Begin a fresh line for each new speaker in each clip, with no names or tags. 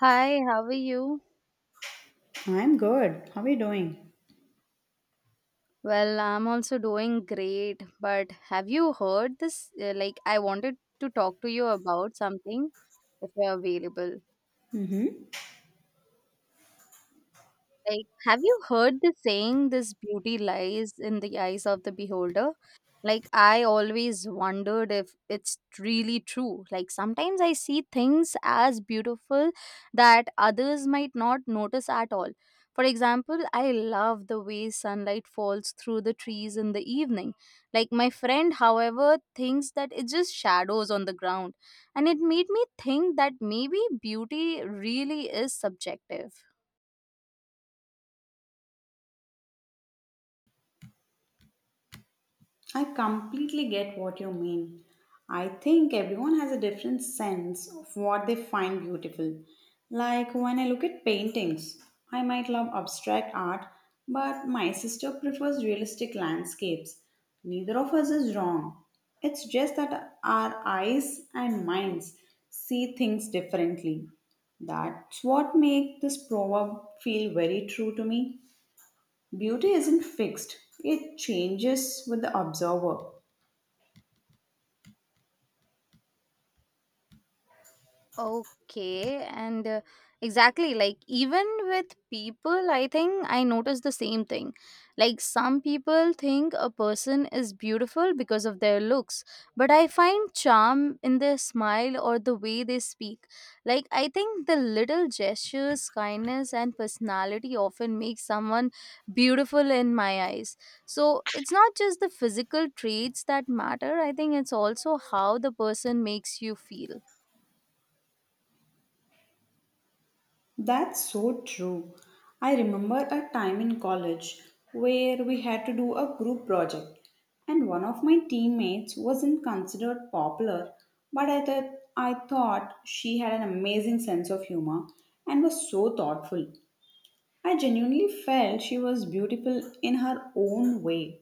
Hi, how are you?
I'm good. How are you doing?
Well, I'm also doing great, but have you heard this? I wanted to talk to you about something if you're available.
Hmm.
Have you heard the saying, this beauty lies in the eyes of the beholder? I always wondered if it's really true. Sometimes I see things as beautiful that others might not notice at all. For example, I love the way sunlight falls through the trees in the evening. My friend, however, thinks that it's just shadows on the ground. And it made me think that maybe beauty really is subjective.
I completely get what you mean. I think everyone has a different sense of what they find beautiful. Like when I look at paintings, I might love abstract art, but my sister prefers realistic landscapes. Neither of us is wrong. It's just that our eyes and minds see things differently. That's what makes this proverb feel very true to me. Beauty isn't fixed, it changes with the observer.
Okay, and exactly, like even with people, I think I noticed the same thing. Like some people think a person is beautiful because of their looks, but I find charm in their smile or the way they speak. Like I think the little gestures, kindness, and personality often make someone beautiful in my eyes. So it's not just the physical traits that matter, I think it's also how the person makes you feel.
That's so true. I remember a time in college where we had to do a group project, and one of my teammates wasn't considered popular, but I thought she had an amazing sense of humor and was so thoughtful. I genuinely felt she was beautiful in her own way.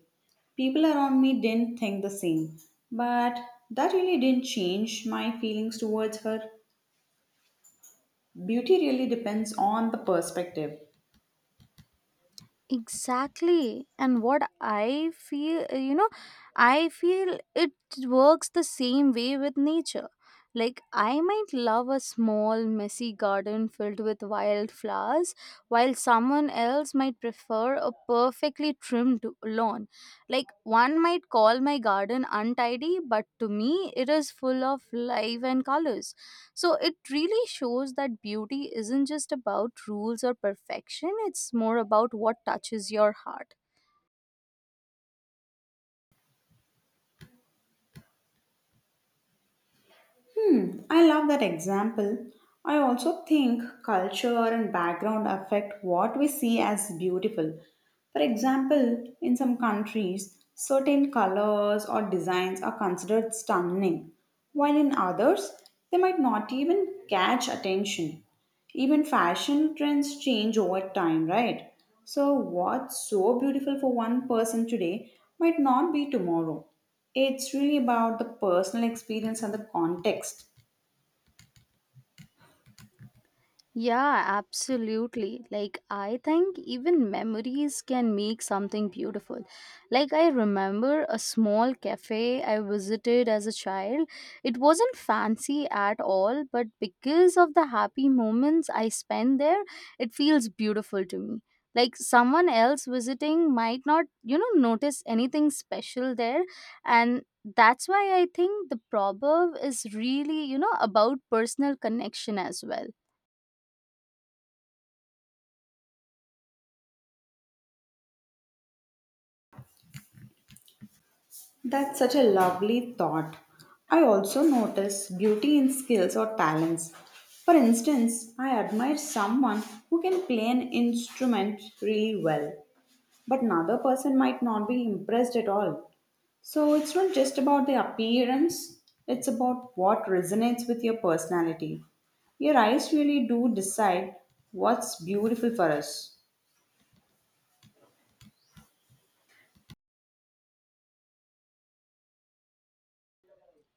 People around me didn't think the same, but that really didn't change my feelings towards her. Beauty really depends on the perspective.
Exactly. And what I feel, I feel it works the same way with nature. Like, I might love a small, messy garden filled with wildflowers, while someone else might prefer a perfectly trimmed lawn. Like, one might call my garden untidy, but to me, it is full of life and colors. So it really shows that beauty isn't just about rules or perfection, it's more about what touches your heart.
Hmm, I love that example. I also think culture and background affect what we see as beautiful. For example, in some countries, certain colors or designs are considered stunning, while in others, they might not even catch attention. Even fashion trends change over time, right? So, what's so beautiful for one person today might not be tomorrow. It's really about the personal experience and the context.
Yeah, absolutely. Like, I think even memories can make something beautiful. Like, I remember a small cafe I visited as a child. It wasn't fancy at all, but because of the happy moments I spent there, it feels beautiful to me. Like, someone else visiting might not, notice anything special there. And that's why I think the proverb is really, about personal connection as well.
That's such a lovely thought. I also notice beauty in skills or talents. For instance, I admire someone who can play an instrument really well, but another person might not be impressed at all. So it's not just about the appearance, it's about what resonates with your personality. Your eyes really do decide what's beautiful for us.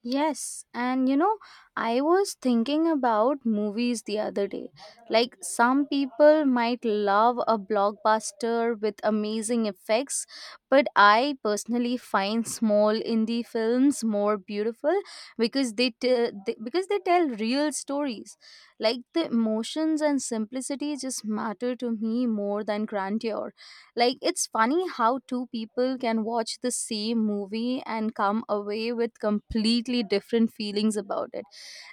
Yes, and you know, I was thinking about movies the other day. Like, some people might love a blockbuster with amazing effects, but I personally find small indie films more beautiful because they tell real stories. Like the emotions and simplicity just matter to me more than grandeur. Like, it's funny how two people can watch the same movie and come away with completely different feelings about it.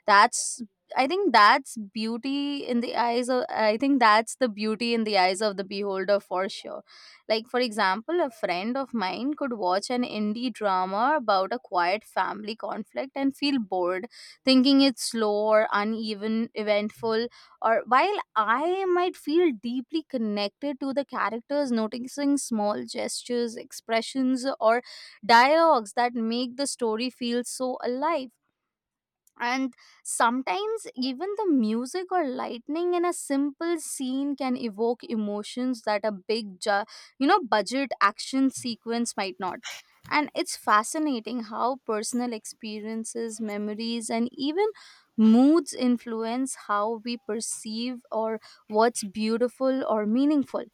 That's I think that's beauty in the eyes of I think that's the beauty in the eyes of the beholder for sure. Like for example, a friend of mine could watch an indie drama about a quiet family conflict and feel bored, thinking it's slow or uneven eventful, or while I might feel deeply connected to the characters, noticing small gestures, expressions, or dialogues that make the story feel so alive. And sometimes even the music or lightning in a simple scene can evoke emotions that a big budget action sequence might not. And it's fascinating how personal experiences, memories, and even moods influence how we perceive or what's beautiful or meaningful.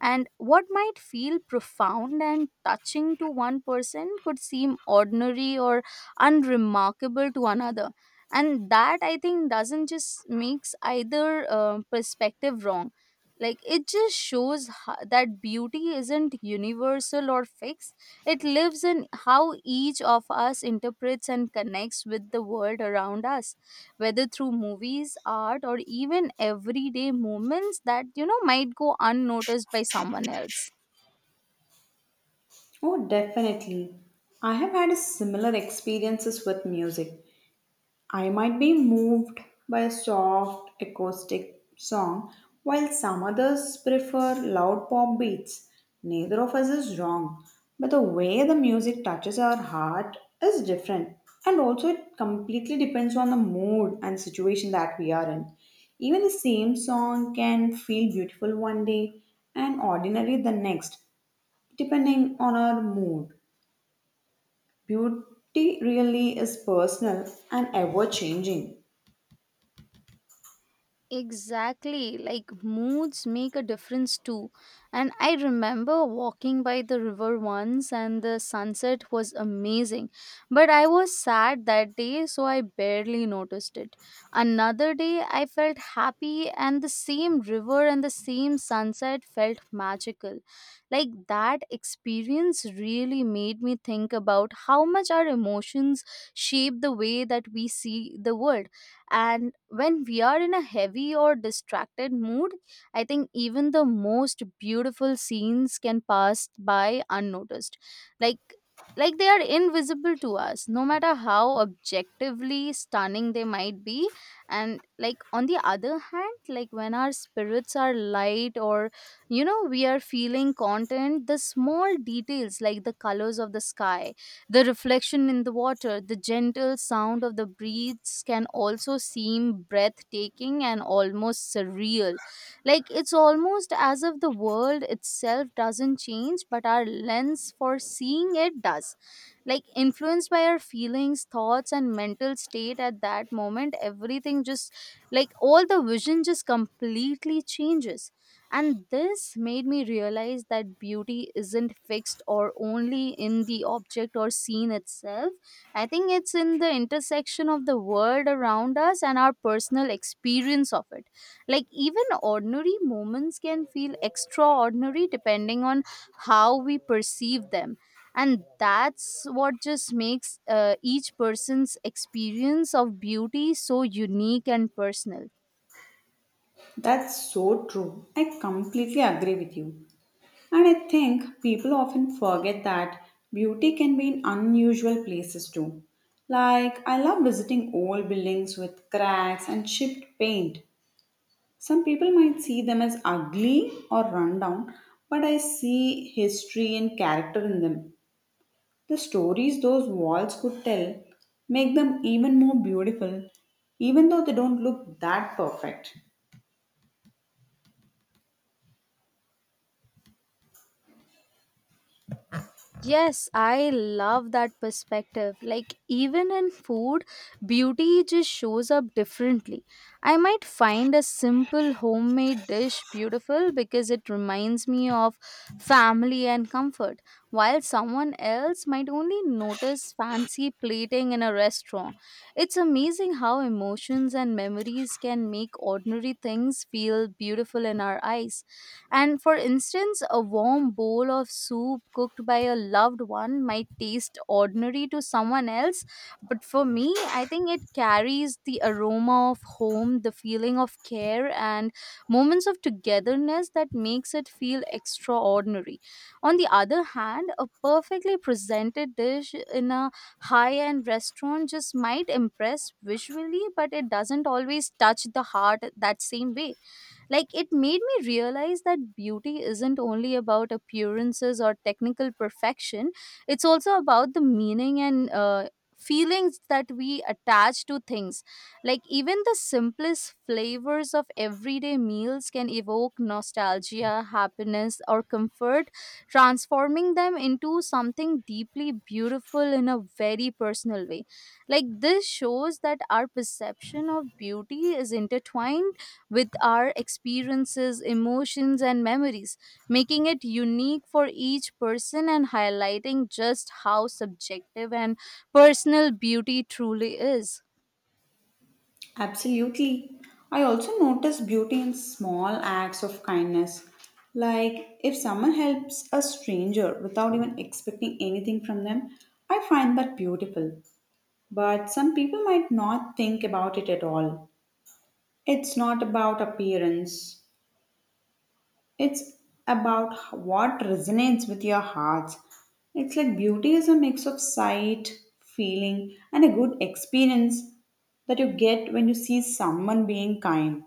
And what might feel profound and touching to one person could seem ordinary or unremarkable to another. And that, I think, doesn't just makes either perspective wrong. Like it just shows that beauty isn't universal or fixed. It lives in how each of us interprets and connects with the world around us, whether through movies, art, or even everyday moments that, might go unnoticed by someone else.
Oh, definitely. I have had a similar experiences with music. I might be moved by a soft acoustic song, while some others prefer loud pop beats. Neither of us is wrong, but the way the music touches our heart is different, and also it completely depends on the mood and situation that we are in. Even the same song can feel beautiful one day and ordinary the next, depending on our mood. Beauty really is personal and ever changing.
Exactly, like moods make a difference too. And I remember walking by the river once, and the sunset was amazing. But I was sad that day, so I barely noticed it. Another day, I felt happy, and the same river and the same sunset felt magical. Like that experience really made me think about how much our emotions shape the way that we see the world. And when we are in a heavy or distracted mood, I think even the most beautiful scenes can pass by unnoticed. Like like they are invisible to us, no matter how objectively stunning they might be. And like, on the other hand, like when our spirits are light, or we are feeling content, the small details, like the colors of the sky, the reflection in the water, the gentle sound of the breeze, can also seem breathtaking and almost surreal. Like it's almost as if the world itself doesn't change, but our lens for seeing it does. Like influenced by our feelings, thoughts, and mental state at that moment, everything just, all the vision just completely changes. And this made me realize that beauty isn't fixed or only in the object or scene itself. I think it's in the intersection of the world around us and our personal experience of it. Like, even ordinary moments can feel extraordinary depending on how we perceive them. And that's what just makes each person's experience of beauty so unique and personal.
That's so true. I completely agree with you. And I think people often forget that beauty can be in unusual places too. Like, I love visiting old buildings with cracks and chipped paint. Some people might see them as ugly or run down, but I see history and character in them. The stories those walls could tell make them even more beautiful, even though they don't look that perfect.
Yes, I love that perspective. Like, even in food, beauty just shows up differently. I might find a simple homemade dish beautiful because it reminds me of family and comfort, while someone else might only notice fancy plating in a restaurant. It's amazing how emotions and memories can make ordinary things feel beautiful in our eyes. And for instance, a warm bowl of soup cooked by a loved one might taste ordinary to someone else, but for me, I think it carries the aroma of home, the feeling of care, and moments of togetherness that makes it feel extraordinary. On the other hand, a perfectly presented dish in a high end restaurant just might impress visually, but it doesn't always touch the heart that same way. Like it made me realize that beauty isn't only about appearances or technical perfection, it's also about the meaning and feelings that we attach to things. Like even the simplest flavors of everyday meals can evoke nostalgia, happiness, or comfort, transforming them into something deeply beautiful in a very personal way. Like this shows that our perception of beauty is intertwined with our experiences, emotions, and memories, making it unique for each person and highlighting just how subjective and personal beauty truly is.
Absolutely. I also notice beauty in small acts of kindness. Like if someone helps a stranger without even expecting anything from them, I find that beautiful. But some people might not think about it at all. It's not about appearance, it's about what resonates with your heart. It's like beauty is a mix of sight, feeling, and a good experience that you get when you see someone being kind.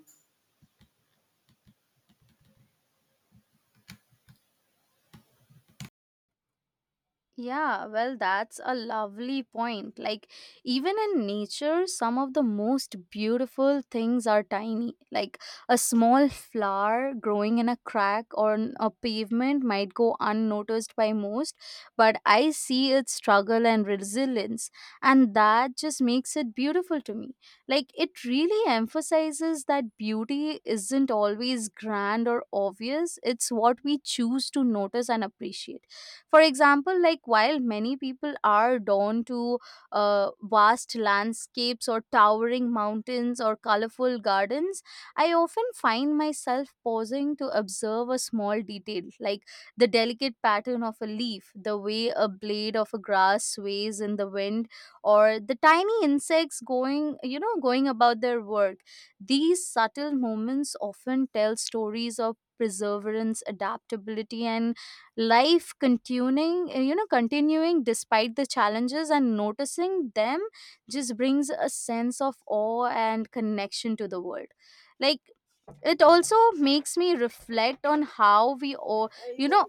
Yeah, well, that's a lovely point. Like, even in nature, some of the most beautiful things are tiny. Like, a small flower growing in a crack or on a pavement might go unnoticed by most, but I see its struggle and resilience, and that just makes it beautiful to me. Like, it really emphasizes that beauty isn't always grand or obvious, it's what we choose to notice and appreciate. For example, like while many people are drawn to vast landscapes or towering mountains or colorful gardens, I often find myself pausing to observe a small detail, like the delicate pattern of a leaf, the way a blade of a grass sways in the wind, or the tiny insects going you know going about their work. These subtle moments often tell stories of perseverance, adaptability, and life continuing, despite the challenges, and noticing them just brings a sense of awe and connection to the world. Like it also makes me reflect on how we all, you know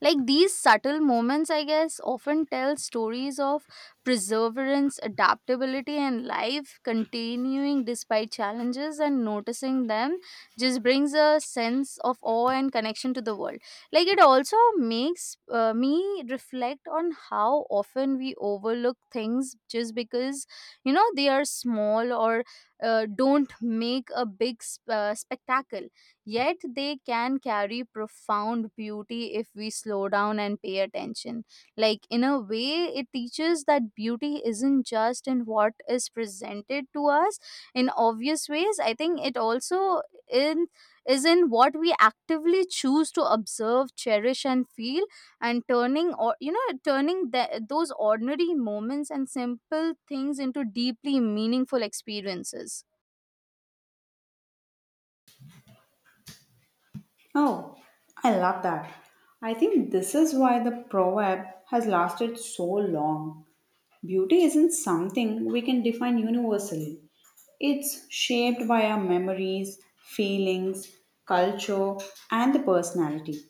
like these subtle moments, I guess, often tell stories of perseverance, adaptability, and life continuing despite challenges, and noticing them just brings a sense of awe and connection to the world. Like it also makes me reflect on how often we overlook things just because, they are small, or don't make a big spectacle. Yet they can carry profound beauty if we slow down and pay attention. Like, in a way, it teaches that beauty isn't just in what is presented to us in obvious ways. I think it also in is in what we actively choose to observe, cherish, and feel, and turning or you know turning those ordinary moments and simple things into deeply meaningful experiences.
Oh, I love that. I think this is why the proverb has lasted so long. Beauty isn't something we can define universally, it's shaped by our memories, feelings, culture, and the personality.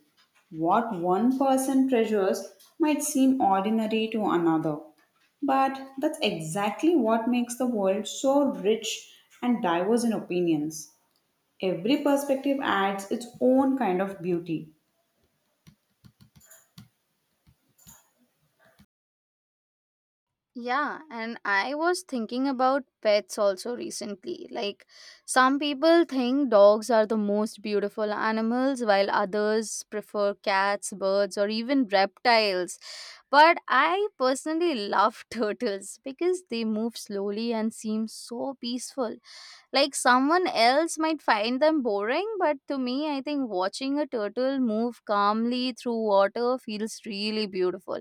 What one person treasures might seem ordinary to another, but that's exactly what makes the world so rich and diverse in opinions. Every perspective adds its own kind of beauty.
Yeah, and I was thinking about pets also recently. Like, some people think dogs are the most beautiful animals, while others prefer cats, birds, or even reptiles. But I personally love turtles because they move slowly and seem so peaceful. Like someone else might find them boring, but to me, I think watching a turtle move calmly through water feels really beautiful.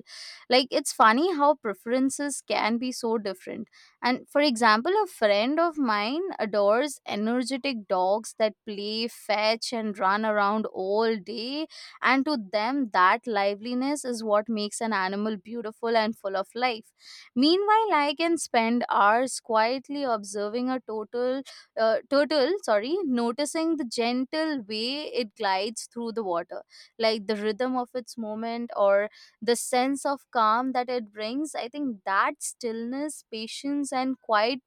Like it's funny how preferences can be so different. And for example, a friend of mine adores energetic dogs that play fetch and run around all day, and to them, that liveliness is what makes an animal beautiful and full of life. Meanwhile, I can spend hours quietly observing a turtle, sorry, noticing the gentle way it glides through the water, like the rhythm of its movement, or the sense of calm that it brings. I think that stillness, patience, and quiet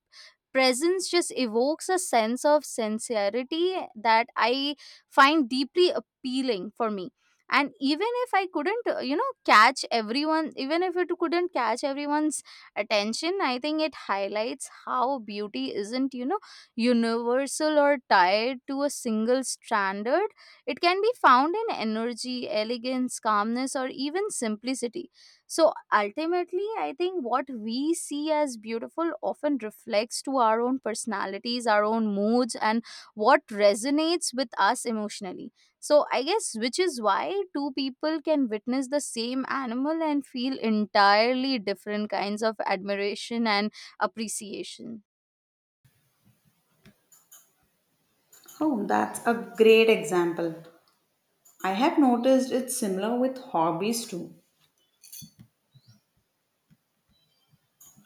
presence just evokes a sense of sincerity that I find deeply appealing for me. And even if I couldn't, catch everyone, even if it couldn't catch everyone's attention, I think it highlights how beauty isn't, universal or tied to a single standard. It can be found in energy, elegance, calmness, or even simplicity. So ultimately, I think what we see as beautiful often reflects to our own personalities, our own moods, and what resonates with us emotionally. So I guess which is why two people can witness the same animal and feel entirely different kinds of admiration and appreciation.
Oh, that's a great example. I have noticed it's similar with hobbies too.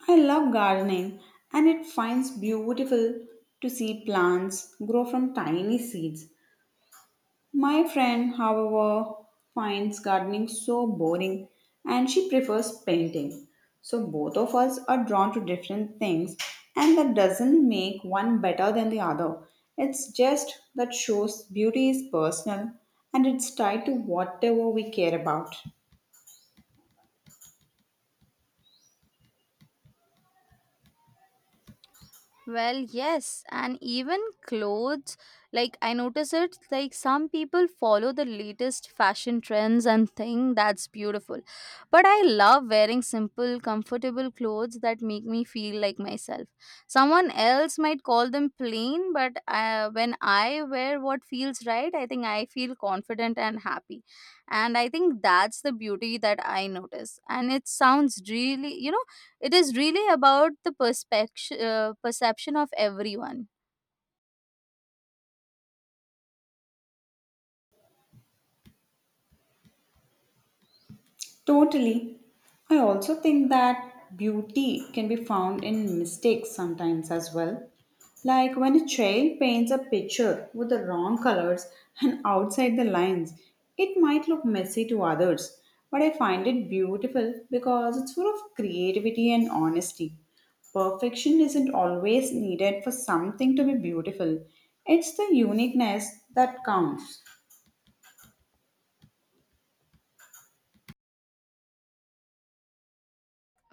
I love gardening and it finds beautiful to see plants grow from tiny seeds. My friend, however, finds gardening so boring and she prefers painting. So, both of us are drawn to different things, and that doesn't make one better than the other. It's just that shows beauty is personal and it's tied to whatever we care about.
Well, yes, and even clothes. Like, I notice it, like, some people follow the latest fashion trends and think that's beautiful. But I love wearing simple, comfortable clothes that make me feel like myself. Someone else might call them plain, but when I wear what feels right, I think I feel confident and happy. And I think that's the beauty that I notice. And it sounds really, it is really about the perspective, perception of everyone.
Totally. I also think that beauty can be found in mistakes sometimes as well. Like when a child paints a picture with the wrong colors and outside the lines, it might look messy to others, but I find it beautiful because it's full of creativity and honesty. Perfection isn't always needed for something to be beautiful, it's the uniqueness that counts.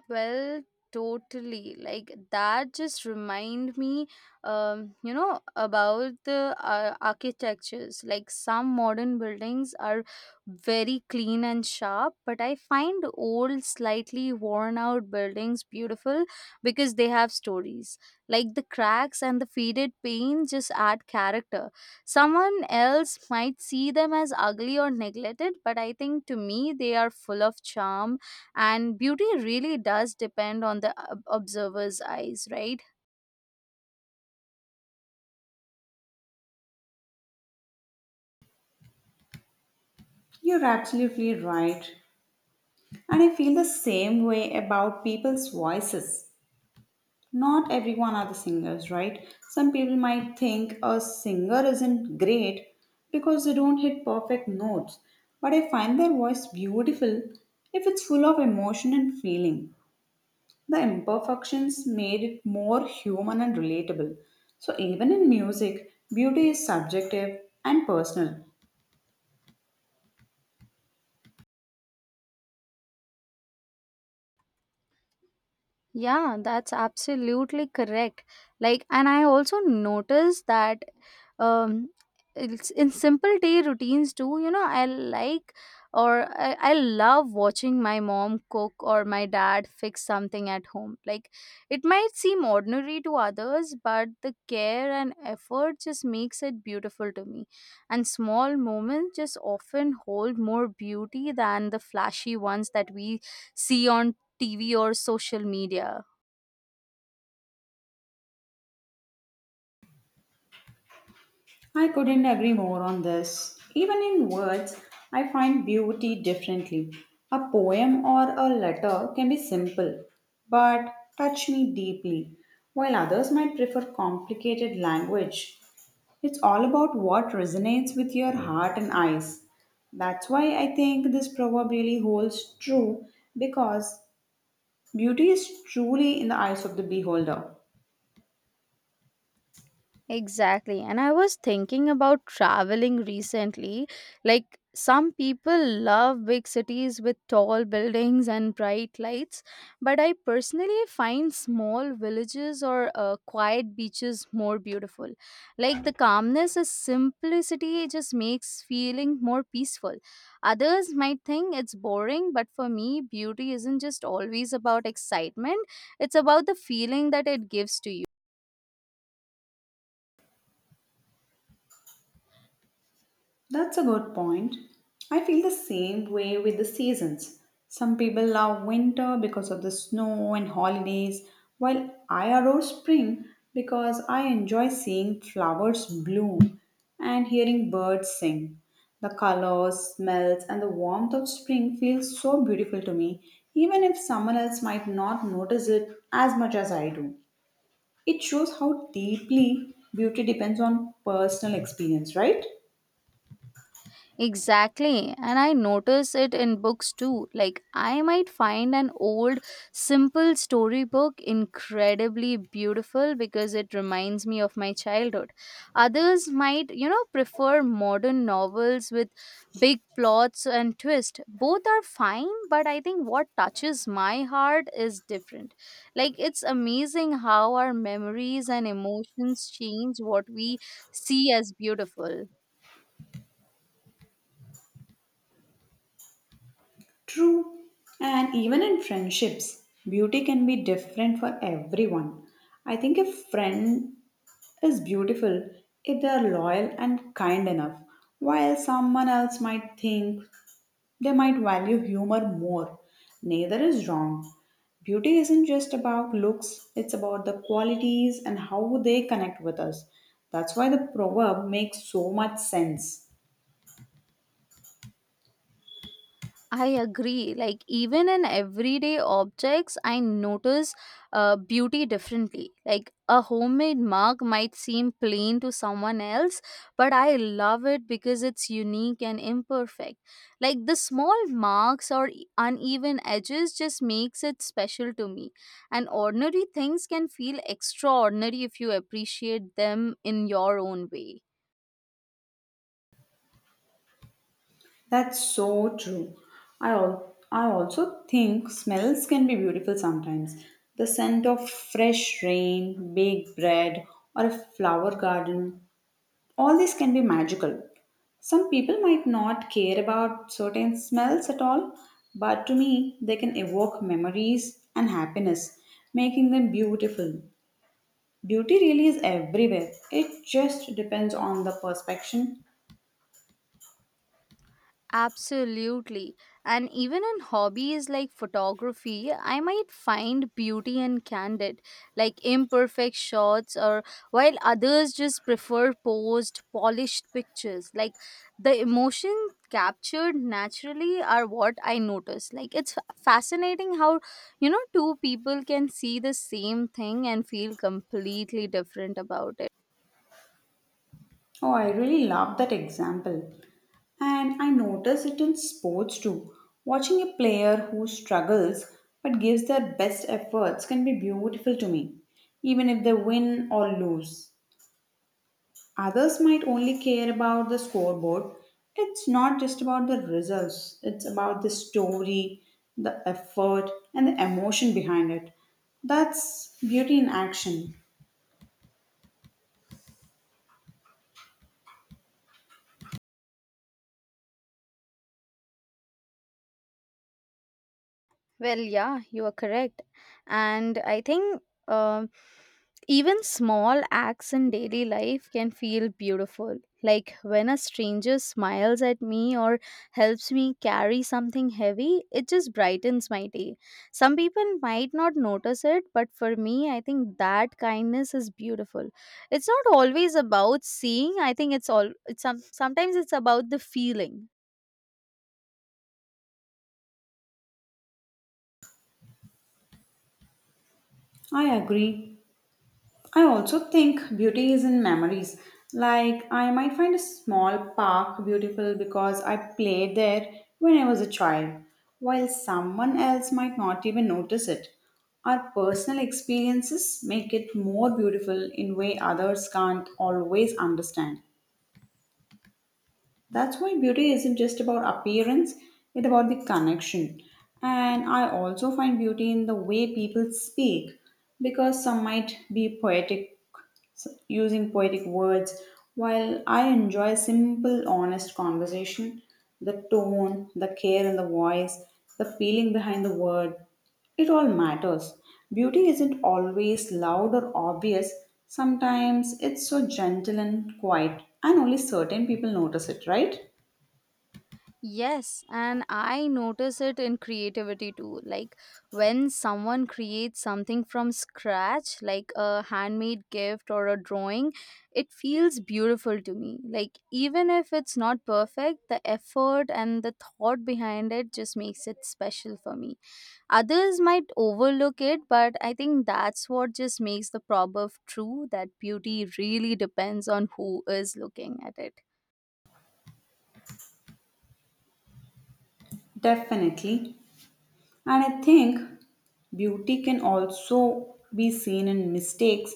Well, totally. Like that just remind me, about the architectures. Like some modern buildings are very clean and sharp, but I find old, slightly worn out buildings beautiful because they have stories. Like the cracks and the faded paint just add character. Someone else might see them as ugly or neglected, but I think to me they are full of charm and beauty really does depend on the observer's eyes, right?
You're absolutely right. And I feel the same way about people's voices. Not everyone are the singers, right? Some people might think a singer isn't great because they don't hit perfect notes, but I find their voice beautiful if it's full of emotion and feeling. The imperfections made it more human and relatable. So even in music, beauty is subjective and personal.
Yeah, that's absolutely correct. Like, and I also noticed that um, it's in simple day routines too, I like or I love watching my mom cook or my dad fix something at home. Like, it might seem ordinary to others, but the care and effort just makes it beautiful to me. And small moments just often hold more beauty than the flashy ones that we see on TV or social media.
I couldn't agree more on this. Even in words, I find beauty differently. A poem or a letter can be simple, but touch me deeply, while others might prefer complicated language. It's all about what resonates with your heart and eyes. That's why I think this proverb really holds true because beauty is truly in the eyes of the beholder.
Exactly. And I was thinking about traveling recently. Like, some people love big cities with tall buildings and bright lights, but I personally find small villages or quiet beaches more beautiful. Like, the calmness and simplicity just makes feeling more peaceful. Others might think it's boring, but for me, beauty isn't just always about excitement, it's about the feeling that it gives to you.
That's a good point. I feel the same way with the seasons. Some people love winter because of the snow and holidays, while I adore spring because I enjoy seeing flowers bloom and hearing birds sing. The colors, smells, and the warmth of spring feels so beautiful to me, even if someone else might not notice it as much as I do. It shows how deeply beauty depends on personal experience, right?
Exactly, and I notice it in books too. Like, I might find an old, simple storybook incredibly beautiful because it reminds me of my childhood. Others might, prefer modern novels with big plots and twist. Both are fine, but I think what touches my heart is different. Like, it's amazing how our memories and emotions change what we see as beautiful.
True. And even in friendships, beauty can be different for everyone. I think a friend is beautiful if they are loyal and kind enough, while someone else might think they might value humor more. Neither is wrong. Beauty isn't just about looks, it's about the qualities and how they connect with us. That's why the proverb makes so much sense.
I agree. Like, even in everyday objects, I notice beauty differently. Like, a homemade mug might seem plain to someone else, but I love it because it's unique and imperfect. Like, the small marks or uneven edges just makes it special to me. And ordinary things can feel extraordinary if you appreciate them in your own way.
That's so true. I also think smells can be beautiful sometimes. The scent of fresh rain, baked bread, or a flower garden, all these can be magical. Some people might not care about certain smells at all, but to me, they can evoke memories and happiness, making them beautiful. Beauty really is everywhere. It just depends on the perception.
Absolutely. And even in hobbies like photography, I might find beauty in candid, like imperfect shots, or while others just prefer posed, polished pictures. Like the emotion captured naturally are what I notice. Like it's fascinating how, two people can see the same thing and feel completely different about it.
Oh, I really love that example. And I notice it in sports too. Watching a player who struggles but gives their best efforts can be beautiful to me, even if they win or lose. Others might only care about the scoreboard. It's not just about the results, it's about the story, the effort, and the emotion behind it. That's beauty in action.
Well, yeah, you are correct. And I think um even small acts in daily life can feel beautiful. Like when a stranger smiles at me or helps me carry something heavy, it just brightens my day. Some people might not notice it, but for me, I think that kindness is beautiful. It's not always about seeing. I think it's all it's some, sometimes it's about the feeling.
I agree. I also think beauty is in memories. Like, I might find a small park beautiful because I played there when I was a child, while someone else might not even notice it. Our personal experiences make it more beautiful in way others can't always understand. That's why beauty isn't just about appearance, it's about the connection. And I also find beauty in the way people speak because some might be poetic, using poetic words, while I enjoy simple, honest conversation. The tone, the care in the voice, the feeling behind the word. It all matters. Beauty isn't always loud or obvious. Sometimes it's so gentle and quiet, and only certain people notice it, right?
Yes, and I notice it in creativity too. Like when someone creates something from scratch, like a handmade gift or a drawing, it feels beautiful to me. Like even if it's not perfect, the effort and the thought behind it just makes it special for me. Others might overlook it, but I think that's what just makes the proverb true that beauty really depends on who is looking at it.
Definitely. And I think beauty can also be seen in mistakes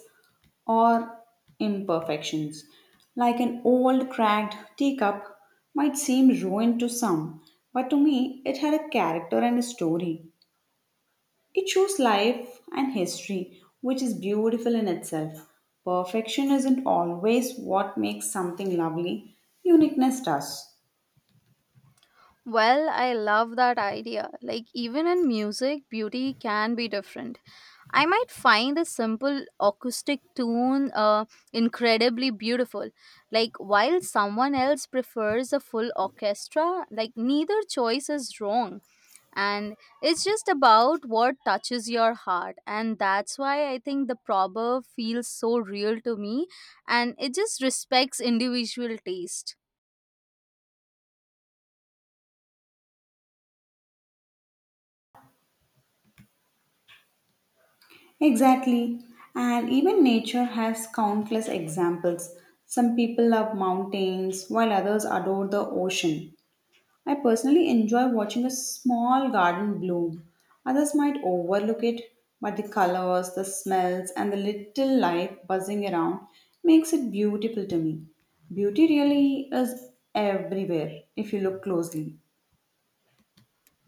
or imperfections. Like an old cracked teacup might seem ruined to some, but to me it had a character and a story. It shows life and history, which is beautiful in itself. Perfection isn't always what makes something lovely, uniqueness does.
Well, I love that idea. Like, even in music, beauty can be different. I might find a simple acoustic tune incredibly beautiful. Like, while someone else prefers a full orchestra, like, neither choice is wrong. And it's just about what touches your heart. And that's why I think the proverb feels so real to me. And it just respects individual taste.
Exactly. And even nature has countless examples. Some people love mountains, while others adore the ocean. I personally enjoy watching a small garden bloom. Others might overlook it, but the colors, the smells, and the little life buzzing around makes it beautiful to me. Beauty really is everywhere if you look closely.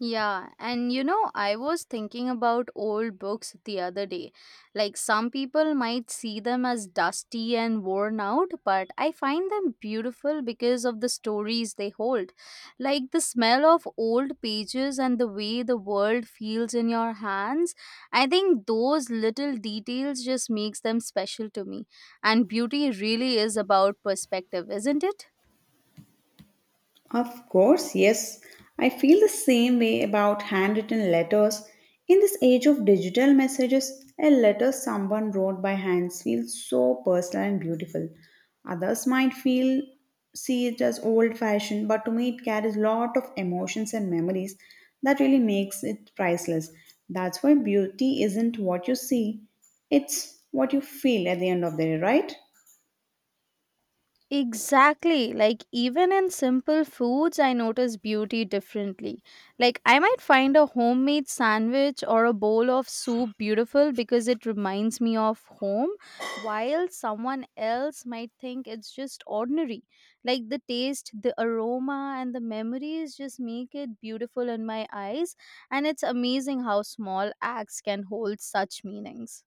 Yeah, and I was thinking about old books the other day. Like, some people might see them as dusty and worn out, but I find them beautiful because of the stories they hold. Like, the smell of old pages and the way the world feels in your hands. I think those little details just makes them special to me. And beauty really is about perspective, isn't it?
Of course, yes. I feel the same way about handwritten letters. In this age of digital messages, a letter someone wrote by hand feels so personal and beautiful. Others might feel see it as old fashioned, but to me it carries lot of emotions and memories that really makes it priceless. That's why beauty isn't what you see, it's what you feel at the end of the day, right?
Exactly. Like, even in simple foods, I notice beauty differently. Like, I might find a homemade sandwich or a bowl of soup beautiful because it reminds me of home, while someone else might think it's just ordinary. Like, the taste, the aroma, and the memories just make it beautiful in my eyes. And it's amazing how small acts can hold such meanings.